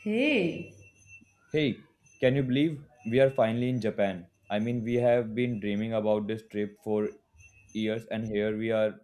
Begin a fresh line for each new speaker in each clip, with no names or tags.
Hey,
Hey, can you believe we are finally in Japan? I mean, we have been dreaming about this trip for years, and here we are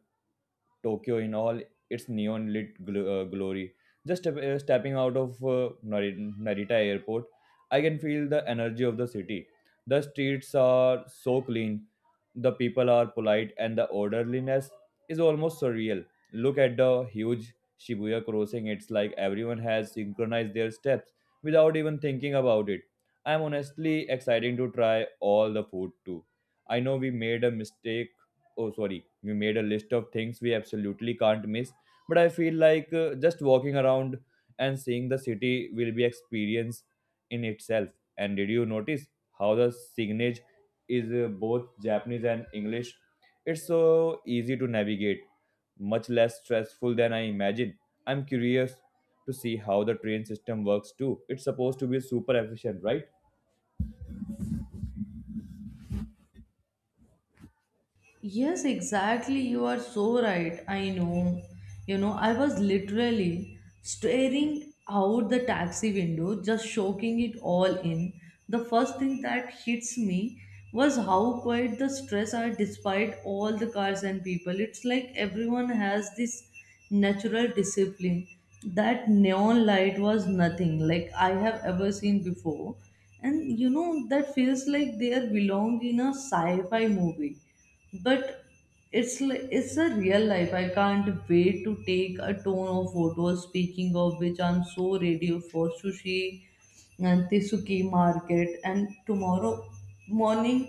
Tokyo in all its neon lit glory. Just stepping out of Narita airport, I can feel the energy of the city. The streets are so clean, the people are polite, and the orderliness is almost surreal. Look at the huge Shibuya crossing, it's like everyone has synchronized their steps without even thinking about it. I'm honestly excited to try all the food too. I know we made a mistake, oh sorry, we made a list of things we absolutely can't miss, but I feel like just walking around and seeing the city will be experience in itself. And did you notice how the signage is both Japanese and English? It's so easy to navigate, much less stressful than I imagine. I'm curious to see how the train system works too. It's supposed to be super efficient, right?
yes, exactly. You are so right. I know. You know, I was literally staring out the taxi window, just soaking it all in. The first thing that hits me was how quiet the streets are despite all the cars and people. It's like everyone has this natural discipline. That neon light was nothing like I have ever seen before. And you know, that feels like they are belong in a sci fi movie but it's a real life. I can't wait to take a ton of photos. Speaking of which, I'm so ready for sushi and tisuki market. And tomorrow morning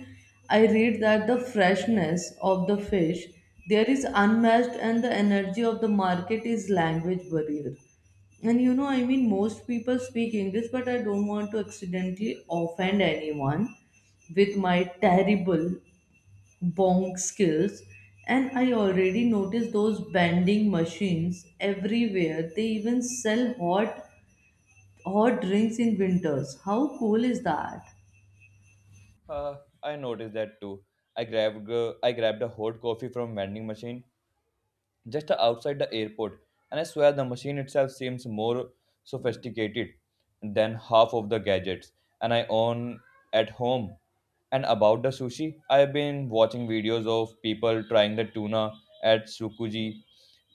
I read that the freshness of the fish there is unmatched and the energy of the market is language barrier. And you know, I mean most people speak english but I don't want to accidentally offend anyone with my terrible bong skills. And I already noticed those bending machines everywhere. They even sell hot drinks in winters. How cool is that?
uh, I noticed that too. I grabbed a hot coffee from vending machine just outside the airport. And I swear the machine itself seems more sophisticated than half of the gadgets. And I own at home. And about the sushi, I've been watching videos of people trying the tuna at Tsukuji,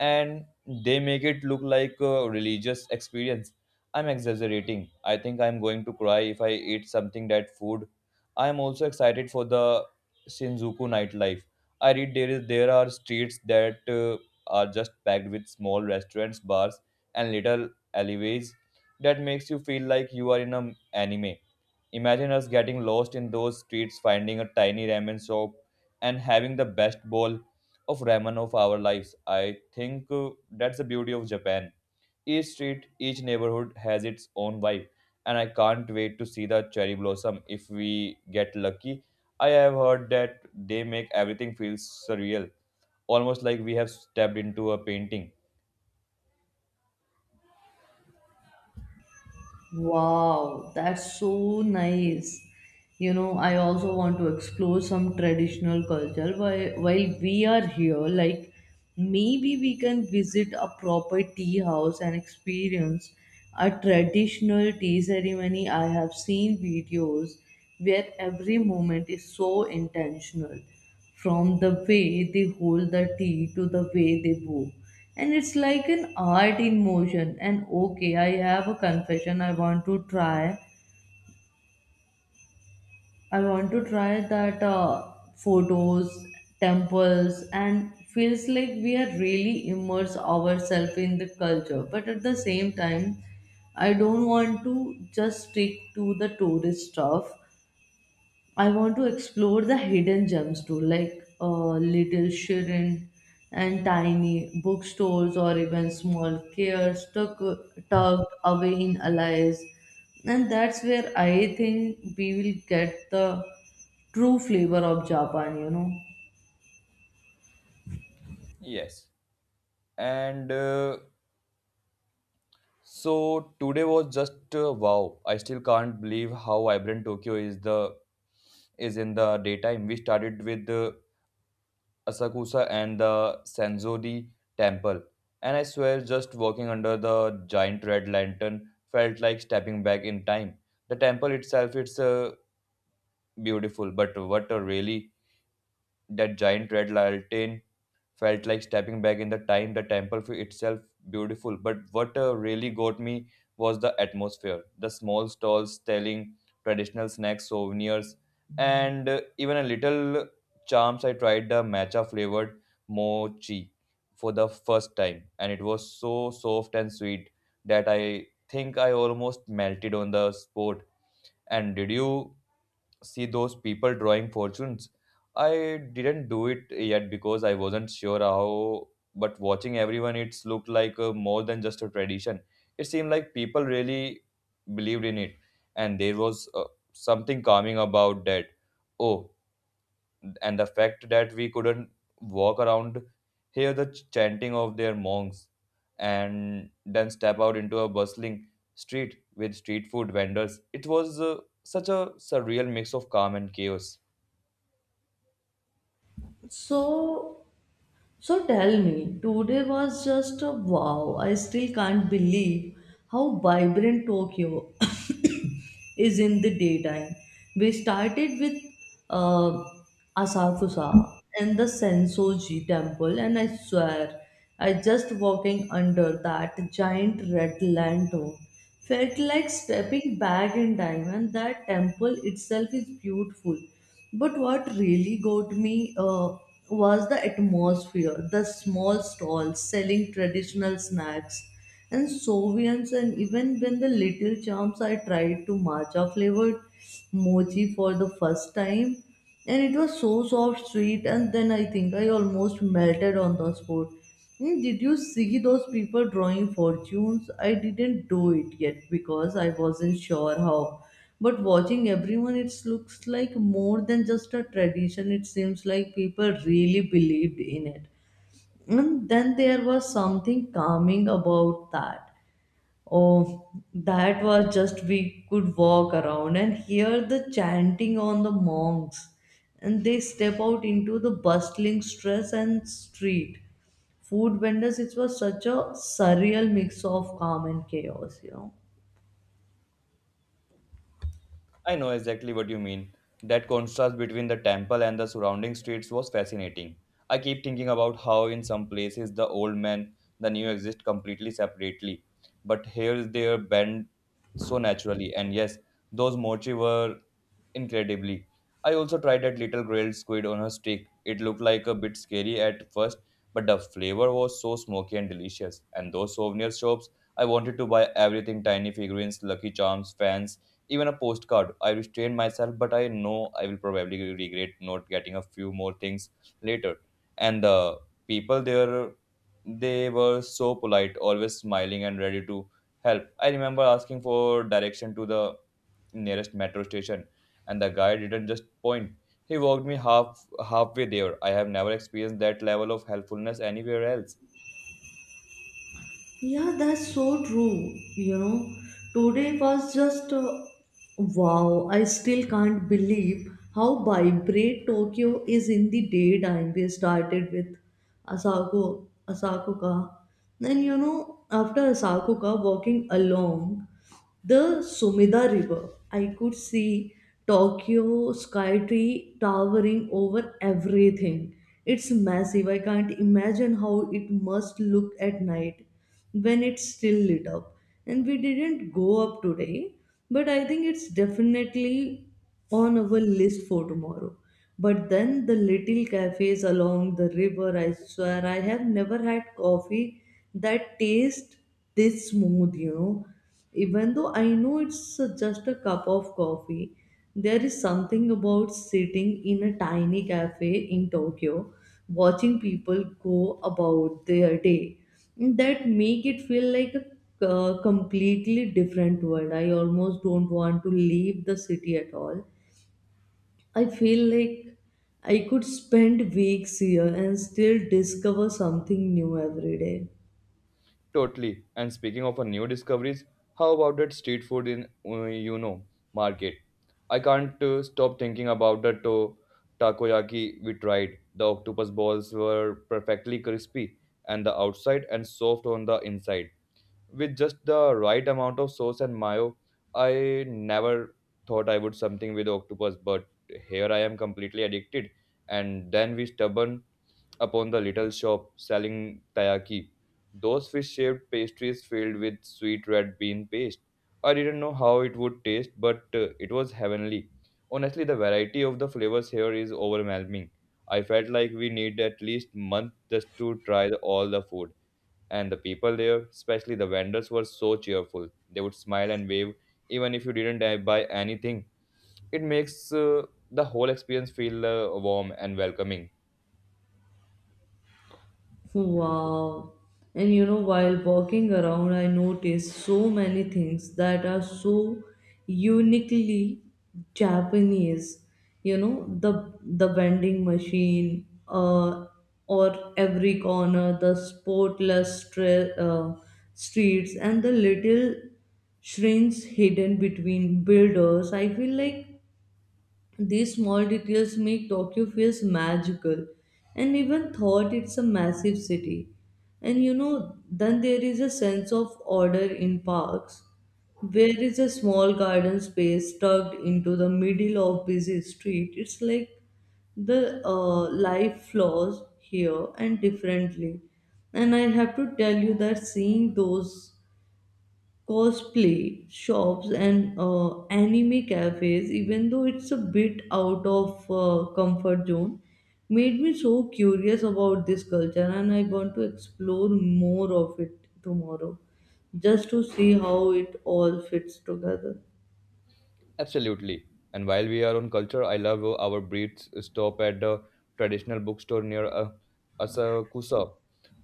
and they make it look like a religious experience. I'm exaggerating. I think I'm going to cry if I eat something that food. I'm also excited for the Shinjuku nightlife. I read there are streets that are just packed with small restaurants, bars, and little alleyways that makes you feel like you are in an anime. Imagine us getting lost in those streets, finding a tiny ramen shop, and having the best bowl of ramen of our lives. I think that's the beauty of Japan. Each street, each neighborhood has its own vibe, and I can't wait to see the cherry blossom if we get lucky. I have heard that they make everything feel surreal, almost like we have stepped into a painting.
Wow, that's so nice. You know, I also want to explore some traditional culture while we are here. Like maybe we can visit a proper tea house and experience a traditional tea ceremony. I have seen videos where every moment is so intentional, from the way they hold the tea to the way they bow. And it's like an art in motion. And okay, I have a confession. I want to try. I want to try that photos, temples, and feels like we are really immerse ourselves in the culture. But at the same time, I don't want to just stick to the tourist stuff. I want to explore the hidden gems too, like Little Shirin and tiny bookstores, or even small cares tucked away in alleys. And that's where I think we will get the true flavor of Japan, you know.
Yes. And so today was just wow. I still can't believe how vibrant Tokyo is in the daytime. We started with Asakusa and the Senzori Temple. And I swear, just walking under the giant red lantern felt like stepping back in time. The temple itself, it's beautiful, but what a really that giant red lantern felt like stepping back in the time. The temple for itself beautiful, but what really got me was the atmosphere. The small stalls selling traditional snacks, souvenirs, and even a little charms. I tried the matcha flavored mochi for the first time, and it was so soft and sweet that I think I almost melted on the spot. And did you see those people drawing fortunes? I didn't do it yet because I wasn't sure how, but watching everyone, it's looked like more than just a tradition. It seemed like people really believed in it, and there was something calming about that. Oh, and the fact that we couldn't walk around, hear the chanting of their monks, and then step out into a bustling street with street food vendors, it was such a surreal mix of calm and chaos.
So So tell me, today was just a wow. I still can't believe how vibrant Tokyo is in the daytime. We started with uh, Asakusa and the Sensoji temple, and I swear, I just walking under that giant red lantern felt like stepping back in time, and that temple itself is beautiful but what really got me was the atmosphere, the small stalls selling traditional snacks and souvenirs, and even when the little charms. I tried to matcha flavored mochi for the first time, and it was so soft sweet and then I think I almost melted on the spot. Hmm, did you see those people drawing fortunes? I didn't do it yet because I wasn't sure how, but watching everyone, it looks like more than just a tradition. It seems like people really believed in it, and then there was something calming about that. Oh, that was just we could walk around and hear the chanting on the monks, and they step out into the bustling stress and street. Food vendors, it was such a surreal mix of calm and chaos, you know.
I know exactly what you mean. That contrast between the temple and the surrounding streets was fascinating. I keep thinking about how in some places the old man the new exist completely separately, but here they are blend so naturally. And yes, those mochi were incredibly. I also tried that little grilled squid on a stick. It looked like a bit scary at first, but the flavor was so smoky and delicious. And those souvenir shops, I wanted to buy everything, tiny figurines, Lucky Charms, fans, even a postcard. I restrained myself, but I know I will probably regret not getting a few more things later. And the people there, they were so polite, always smiling and ready to help. I remember asking for direction to the nearest metro station, and the guy didn't just point, he walked me halfway there. I have never experienced that level of helpfulness anywhere else.
Yeah, that's so true. You know, today was just wow. I still can't believe how vibrant Tokyo is in the daytime. We started with Asako, Asakuka. Then, you know, after Asakuka, walking along. The Sumida River. I could see Tokyo skytree towering over everything. It's massive. I can't imagine how it must look at night when it's still lit up. And we didn't go up today, but I think it's definitely on our list for tomorrow. But then the little cafes along the river, I swear I have never had coffee that tastes this smooth, you know, even though I know it's just a cup of coffee, there is something about sitting in a tiny cafe in Tokyo, watching people go about their day, that make it feel like a completely different world. I almost don't want to leave the city at all. I feel like I could spend weeks here and still discover something new every day.
Totally. And speaking of a new discoveries, how about that street food in market? I can't stop thinking about the takoyaki we tried. The octopus balls were perfectly crispy and the outside and soft on the inside. With just the right amount of sauce and mayo, I never thought I would something with octopus, but here I am completely addicted. And then we stubborn upon the little shop selling taiyaki, those fish-shaped pastries filled with sweet red bean paste. I didn't know how it would taste, but it was heavenly. Honestly, the variety of the flavors here is overwhelming. I felt like we need at least month just to try all the food. And the people there, especially the vendors, were so cheerful. They would smile and wave even if you didn't buy anything. It makes the whole experience feel warm and welcoming.
Wow. And you know, while walking around, I noticed so many things that are so uniquely Japanese. You know, the vending machine, or every corner, the spotless streets, and the little shrinks hidden between builders. I feel like these small details make Tokyo feels magical and even thought it's a massive city. And you know, then there is a sense of order in parks. There is a small garden space tucked into the middle of busy street. It's like the life flows here and differently. And I have to tell you that seeing those cosplay shops and anime cafes, even though it's a bit out of comfort zone, made me so curious about this culture and I want to explore more of it tomorrow just to see how it all fits together.
Absolutely. And while we are on culture, I love our breeds stop at the traditional bookstore near Asakusa.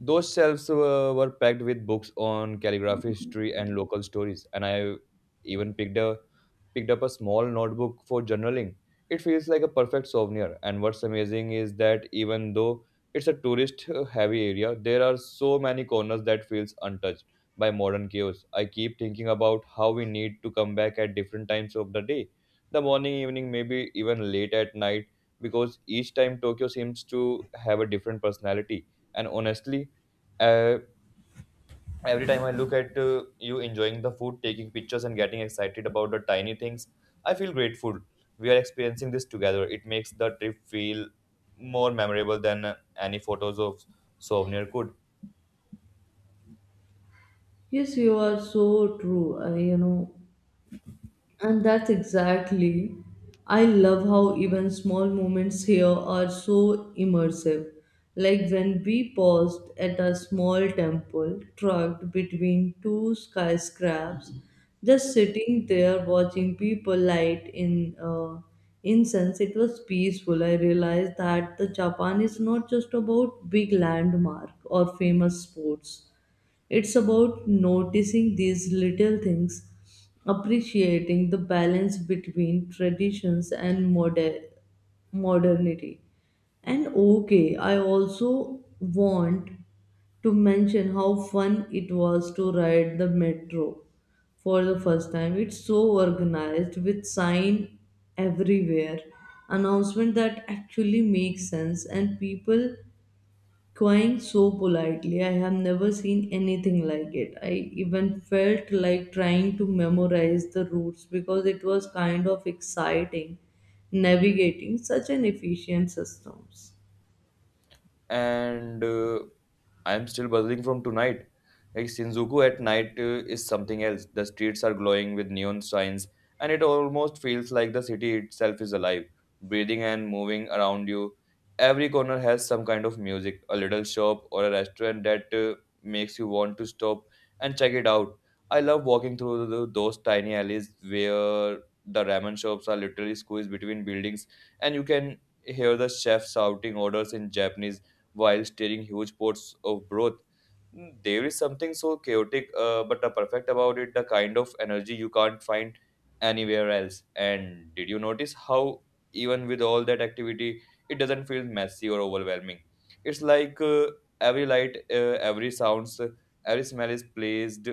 Those shelves were packed with books on calligraphy, history, and local stories. And I even picked up a small notebook for journaling. It feels like a perfect souvenir. And what's amazing is that even though it's a tourist heavy area, there are so many corners that feels untouched by modern chaos. I keep thinking about how we need to come back at different times of the day. The morning, evening, maybe even late at night, because each time Tokyo seems to have a different personality. And honestly, uh, every time I look at you enjoying the food, taking pictures, and getting excited about the tiny things, I feel grateful we are experiencing this together. It makes the trip feel more memorable than any photos of souvenir could.
Yes, you are so true. You know, and that's exactly. I love how even small moments here are so immersive. Like when we paused at a small temple tucked between two skyscrapers, just sitting there watching people light in incense, it was peaceful. I realized that the Japan is not just about big landmark or famous sports. It's about noticing these little things, appreciating the balance between traditions and modernity. And okay, I also want to mention how fun it was to ride the metro for the first time. It's so organized with sign everywhere, announcement that actually makes sense, and people crying so politely. I have never seen anything like it. I even felt like trying to memorize the routes because it was kind of exciting navigating such an efficient systems.
And I'm still buzzing from tonight. Like Shinjuku at night is something else. The streets are glowing with neon signs, and it almost feels like the city itself is alive, breathing and moving around you. Every corner has some kind of music, a little shop or a restaurant that makes you want to stop and check it out. I love walking through those tiny alleys where the ramen shops are literally squeezed between buildings, and you can hear the chefs shouting orders in Japanese while steering huge pots of broth. There is something so chaotic but perfect about it, the kind of energy you can't find anywhere else. And did you notice how, even with all that activity, it doesn't feel messy or overwhelming? It's like every light, every sounds, every smell is placed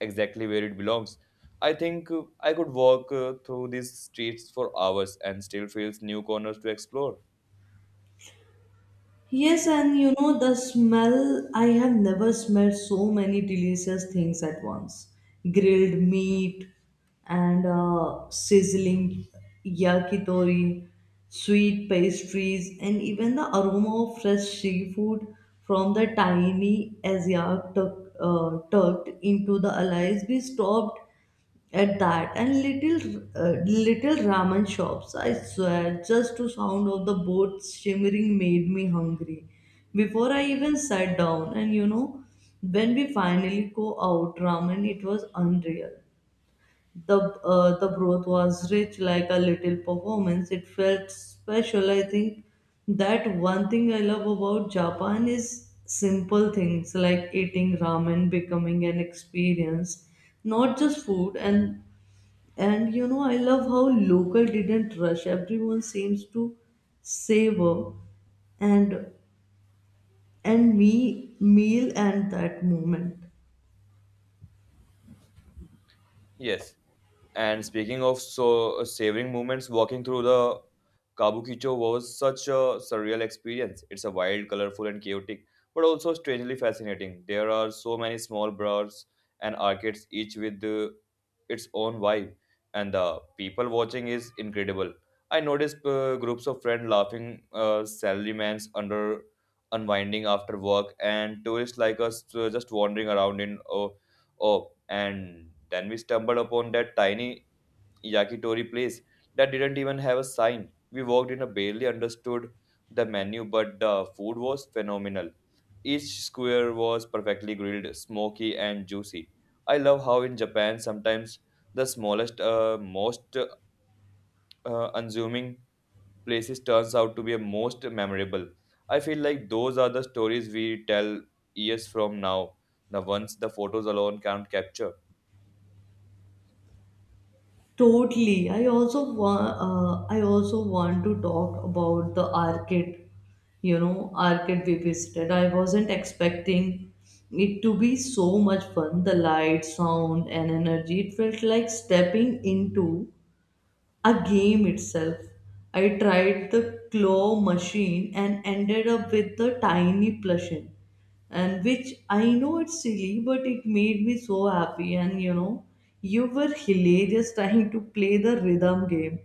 exactly where it belongs. I think I could walk through these streets for hours and still feels new corners to explore.
Yes, and you know the smell, I have never smelled so many delicious things at once. Grilled meat and sizzling yakitori, sweet pastries, and even the aroma of fresh seafood from the tiny asia tucked into the alias. We stopped at that and little ramen shops. I swear just to sound of the boat shimmering made me hungry before I even sat down. And you know, when we finally go out ramen it was unreal. The the broth was rich like a little performance. It felt special. I think that one thing I love about Japan is simple things like eating ramen becoming an experience, not just food. And you know, I love how local didn't rush. Everyone seems to savor and and me meal and that moment.
Yes. And speaking of so savoring moments, walking through the Kabukicho was such a surreal experience. It's a wild, colorful, and chaotic, but also strangely fascinating. There are so many small bars and arcades, each with its own vibe, and the people watching is incredible. I noticed groups of friends laughing, salarymans under unwinding after work, and tourists like us just wandering around in oh, oh. And then we stumbled upon that tiny yakitori place that didn't even have a sign. We walked in and barely understood the menu, but the food was phenomenal. Each square was perfectly grilled, smoky, and juicy. I love how in Japan sometimes the smallest, most unassuming places turns out to be a most memorable. I feel like those are the stories we tell years from now, the ones the photos alone can't capture.
Totally. I also want. I also want to talk about the arcade. You know, arcade we visited. I wasn't expecting it to be so much fun. The light, sound, and energy. It felt like stepping into a game itself. I tried the claw machine and ended up with the tiny plushing, and which I know it's silly, but it made me so happy. And you know, you were hilarious trying to play the rhythm game,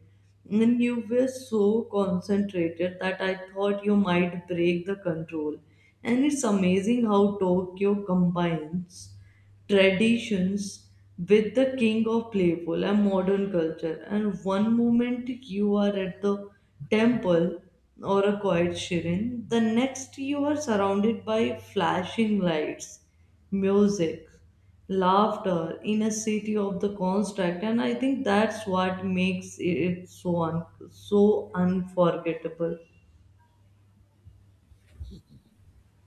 and you were so concentrated that I thought you might break the control. And it's amazing how Tokyo combines traditions with the king of playful and modern culture. And one moment you are at the temple or a quiet shrine, the next you are surrounded by flashing lights, music, laughter, in a city of the construct. And I think that's what makes it so unforgettable.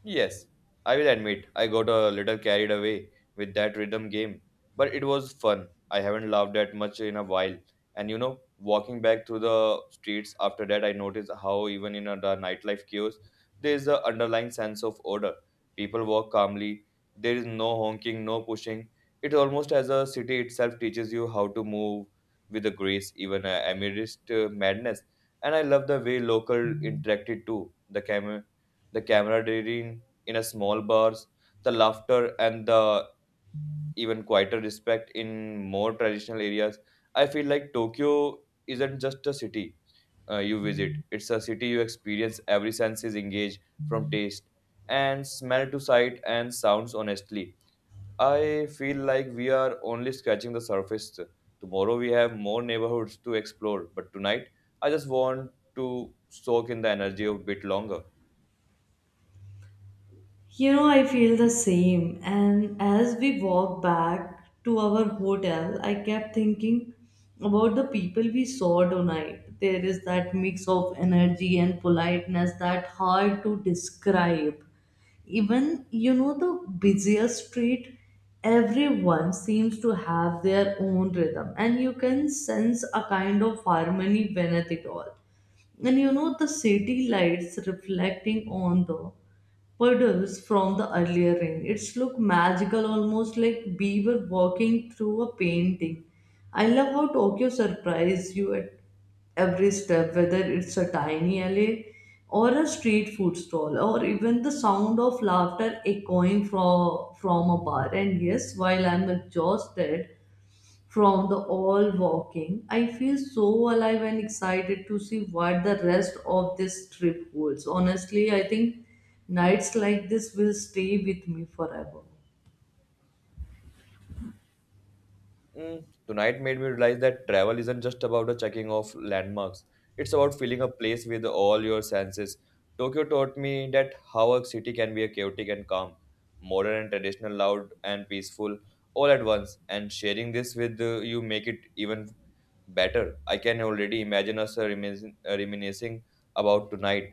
Yes, I will admit I got a little carried away with that rhythm game, but it was fun. I haven't laughed that much in a while. And you know, walking back through the streets after that, I noticed how even in the nightlife chaos, there is an underlying sense of order. People walk calmly. There is no honking, no pushing. It's almost as a city itself teaches you how to move with a grace, even amidst madness. And I love the way local interacted too. The camaraderie in a small bars, the laughter, and the even quieter respect in more traditional areas. I feel like Tokyo isn't just a city you visit, it's a city you experience. Every sense is engaged from taste and smell to sight and sounds, honestly. I feel like we are only scratching the surface. Tomorrow we have more neighborhoods to explore, but tonight I just want to soak in the energy a bit longer.
You know, I feel the same. And as we walked back to our hotel, I kept thinking about the people we saw tonight. There is that mix of energy and politeness that hard to describe. Even, you know, the busiest street, everyone seems to have their own rhythm, and you can sense a kind of harmony beneath it all. And you know, the city lights reflecting on the puddles from the earlier rain. It's look magical, almost like we were walking through a painting. I love how Tokyo surprises you at every step, whether it's a tiny alley or a street food stall, or even the sound of laughter echoing from a bar. And yes, while I'm exhausted, from the all walking. I feel so alive and excited to see what the rest of this trip holds. Honestly, I think nights like this will stay with me forever.
Mm, tonight made me realize that travel isn't just about the checking of landmarks. It's about feeling a place with all your senses. Tokyo taught me that how a city can be a chaotic and calm, modern and traditional, loud and peaceful, all at once. And sharing this with you make it even better. I can already imagine us reminiscing about tonight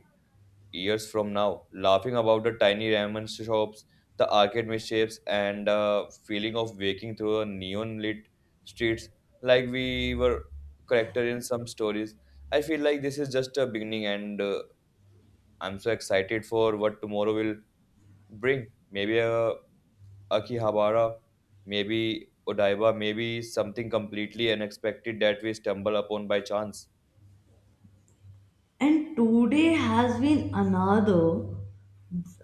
years from now, laughing about the tiny ramen shops, the arcade mischiefs, and the feeling of waking through a neon lit streets like we were character in some stories. I feel like this is just a beginning, and I'm so excited for what tomorrow will bring. Maybe a Akihabara, maybe Odaiba, maybe something completely unexpected that we stumble upon by chance.
And today has been another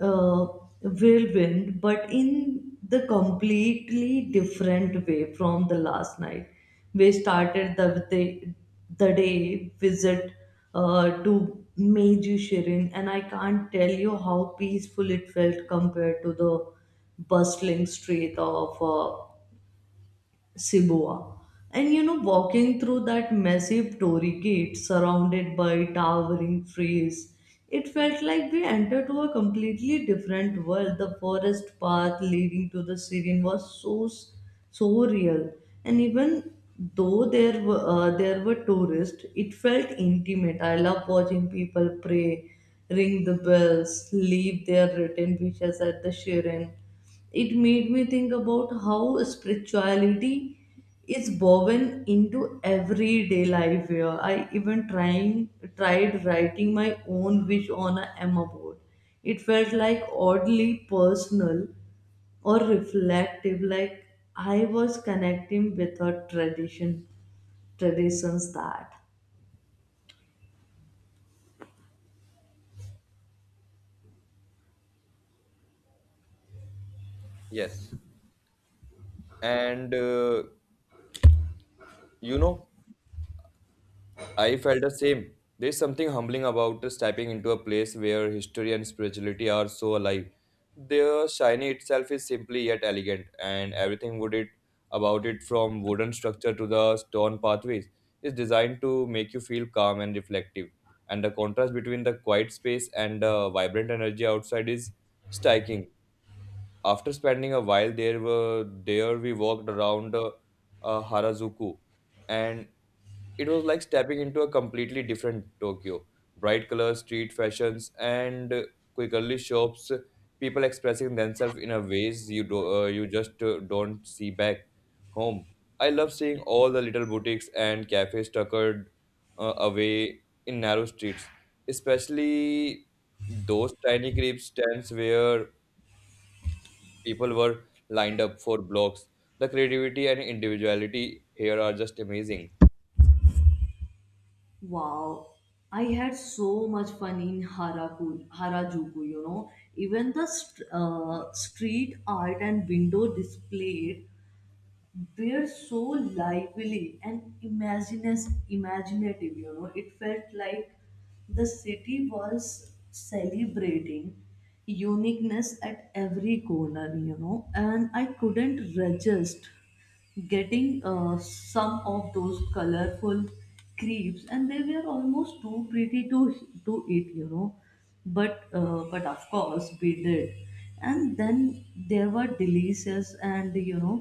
uh, whirlwind, but in the completely different way from the last night. We started the day visit to Meiji Shirin, and I can't tell you how peaceful it felt compared to the bustling street of Siboa. And you know, walking through that massive Tory gate surrounded by towering trees, it felt like we entered to a completely different world. The forest path leading to the Siren was so real, and even though there were tourists, it felt intimate. I love watching people pray, ring the bells, leave their written wishes at the Siren. It made me think about how spirituality is woven into everyday life here. I even trying tried writing my own wish on a emma board. It felt like oddly personal or reflective, like I was connecting with a traditions that...
Yes. And You know, I felt the same. There's something humbling about stepping into a place where history and spirituality are so alive. The shiny itself is simply yet elegant, and everything would it about it from wooden structure to the stone pathways is designed to make you feel calm and reflective. And the contrast between the quiet space and the vibrant energy outside is striking. After spending a while there, there we walked around Harajuku and it was like stepping into a completely different Tokyo. Bright colors, street fashions, and quickly shops, people expressing themselves in a ways you do, you just don't see back home. I love seeing all the little boutiques and cafes tuckered away in narrow streets, especially those tiny creep stands where people were lined up for blocks. The creativity and individuality here are just amazing.
Wow, I had so much fun in Harajuku, you know. Even the street art and window displayed were so lively and imaginative, you know. It felt like the city was celebrating uniqueness at every corner, you know, and I couldn't resist getting some of those colorful crepes, and they were almost too pretty to eat. But of course we did, and then they were delicious. And you know,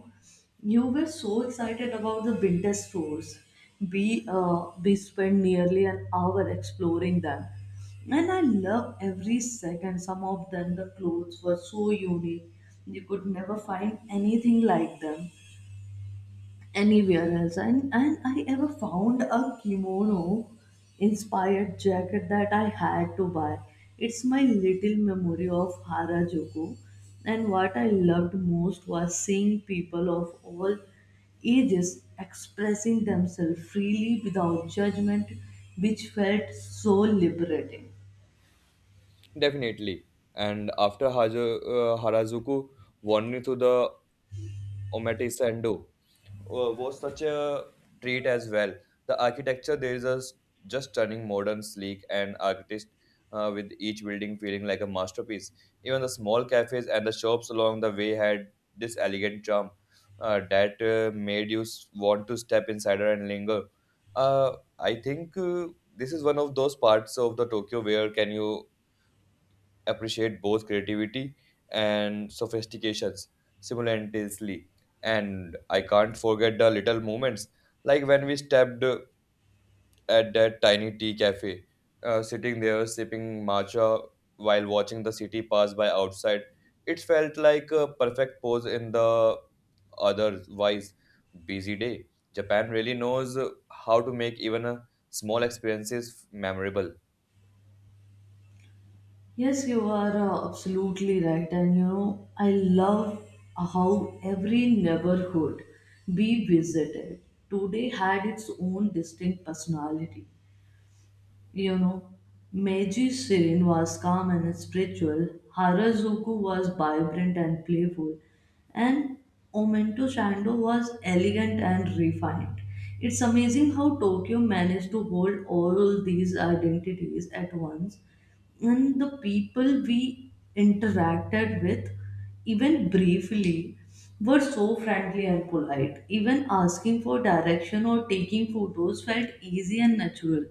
you were so excited about the winter stores. We spent nearly an hour exploring them, and I love every second. Some of them, the clothes were so unique. You could never find anything like them anywhere else. And I ever found a kimono inspired jacket that I had to buy. It's my little memory of Harajuku. And what I loved most was seeing people of all ages expressing themselves freely without judgment, which felt so liberating.
Definitely. And after Harajuku won me to the Omate Sendo was such a treat as well. The architecture there is just stunning, modern, sleek, and artist with each building feeling like a masterpiece. Even the small cafes and the shops along the way had this elegant charm that made you want to step inside and linger. I think this is one of those parts of the Tokyo where can you appreciate both creativity and sophistications simultaneously. And I can't forget the little moments, like when we stepped at that tiny tea cafe, sitting there sipping matcha while watching the city pass by outside. It felt like a perfect pause in the otherwise busy day. Japan really knows how to make even a small experiences memorable.
Yes, you are absolutely right. And you know, I love how every neighborhood we visited today had its own distinct personality. You know, Meiji Shirin was calm and spiritual, Harajuku was vibrant and playful, and Omento Shando was elegant and refined. It's amazing how Tokyo managed to hold all these identities at once, and the people we interacted with, even briefly, were so friendly and polite. Even asking for direction or taking photos felt easy and natural.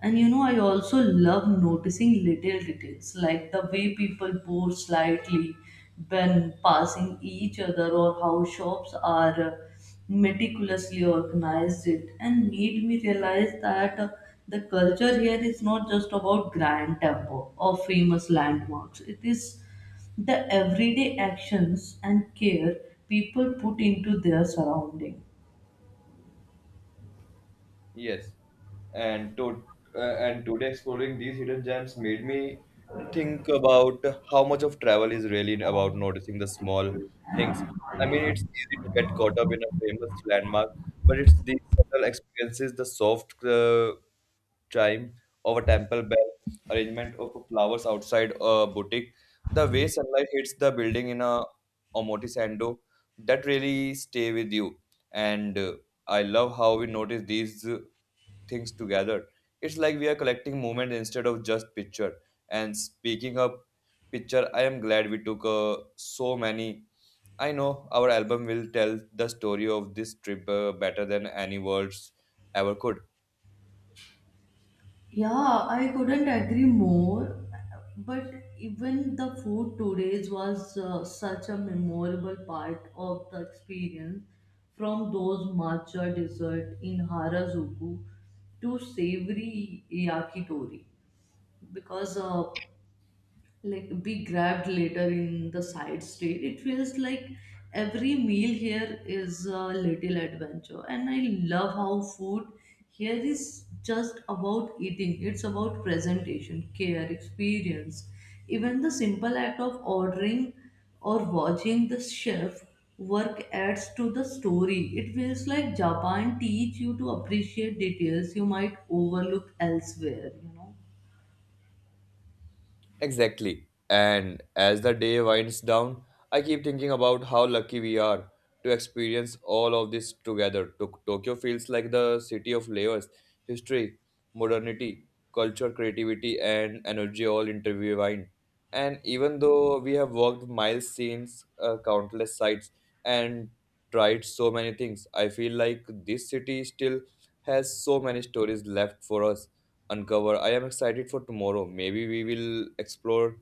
And you know, I also love noticing little details, like the way people pose slightly when passing each other or how shops are meticulously organized, it and made me realize that the culture here is not just about grand temple or famous landmarks, it is the everyday actions and care people put into their surrounding.
Yes, and to and today exploring these hidden gems made me think about how much of travel is really about noticing the small things. I mean, it's easy to get caught up in a famous landmark, but it's these subtle experiences, the soft chime of a temple bell, arrangement of flowers outside a boutique, the way sunlight hits the building in a omotesando, that really stay with you. And I love how we notice these things together. It's like we are collecting moment instead of just picture. And speaking of picture, I am glad we took so many. I know our album will tell the story of this trip better than any words ever could.
Yeah, I couldn't agree more. But even the food today was such a memorable part of the experience, from those matcha dessert in Harajuku to savory yakitori, because like be grabbed later in the side street. It feels like every meal here is a little adventure, and I love how food here is just about eating. It's about presentation, care, experience. Even the simple act of ordering or watching the chef work adds to the story. It feels like Japan teach you to appreciate details you might overlook elsewhere. You know.
Exactly. And as the day winds down, I keep thinking about how lucky we are to experience all of this together. Tokyo feels like the city of layers history, modernity, culture, creativity, and energy all intertwined. And even though we have walked miles, seen countless sights, and tried so many things, I feel like this city still has so many stories left for us uncover. I am excited for tomorrow. Maybe we will explore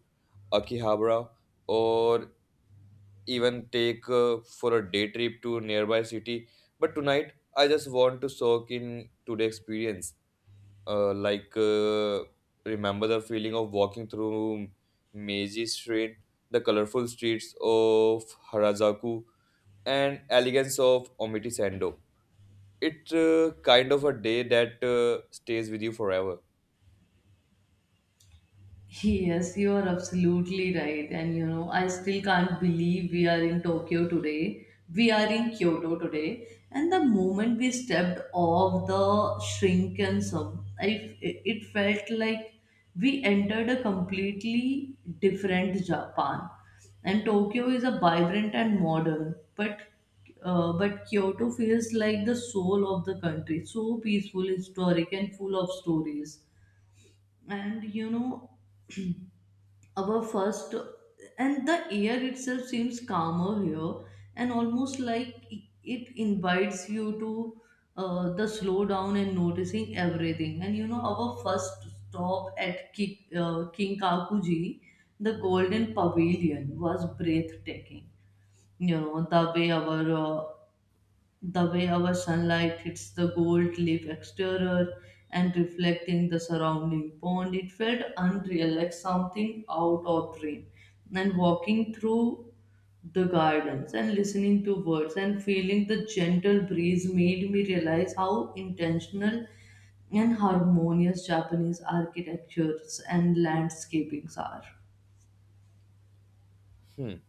Akihabara or even take for a day trip to nearby city. But tonight, I just want to soak in today experience. Uh, like uh, remember the feeling of walking through Meiji Street, the colorful streets of Harajuku, and elegance of Omiti Sendo. It kind of a day that stays with you forever.
Yes, you are absolutely right. And you know, I still can't believe we are in Tokyo today. We are in Kyoto today. And the moment we stepped off the shrunken sub, it felt like we entered a completely different Japan. And Tokyo is a vibrant and modern, but but Kyoto feels like the soul of the country, so peaceful, historic, and full of stories. And you know, our first, and the air itself seems calmer here, and almost like it invites you to the slow down and noticing everything. And you know, our first stop at king kakuji, the golden pavilion, was breathtaking. You know, the way our sunlight hits the gold leaf exterior and reflecting the surrounding pond, it felt unreal, like something out of dream. And walking through the gardens and listening to birds and feeling the gentle breeze made me realize how intentional and harmonious japanese architectures and landscapings are.
Hmm.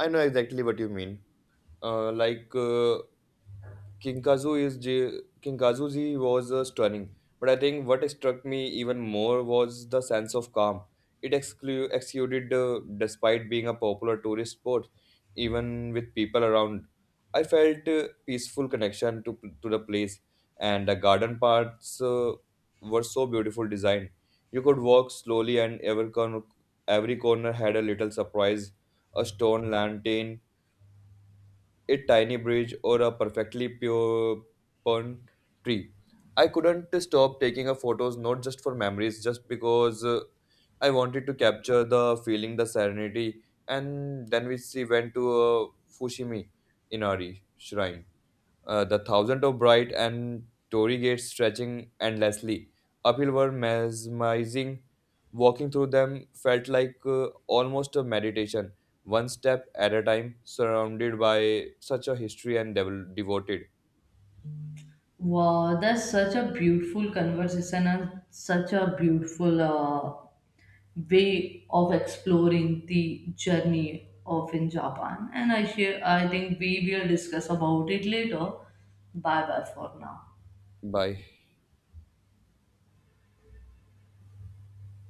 I know exactly what you mean. Uh, like uh, Kinkazuji was stunning, but I think what struck me even more was the sense of calm. It exuded despite being a popular tourist spot, even with people around. I felt peaceful connection to the place, and the garden parts were so beautiful designed. You could walk slowly, and every corner had a little surprise, a stone lantern a tiny bridge, or a perfectly pure pern tree. I couldn't stop taking a photos not just for memories, just because I wanted to capture the feeling, the serenity. And then we see went to Fushimi Inari shrine the thousand of bright and Tory gates stretching endlessly uphill were mesmerizing. Walking through them felt like almost a meditation, one step at a time, surrounded by such a history and devoted
Wow, that's such a beautiful conversation and such a beautiful way of exploring the journey of in Japan. And I share, I think we will discuss about it later. Bye bye for now.
by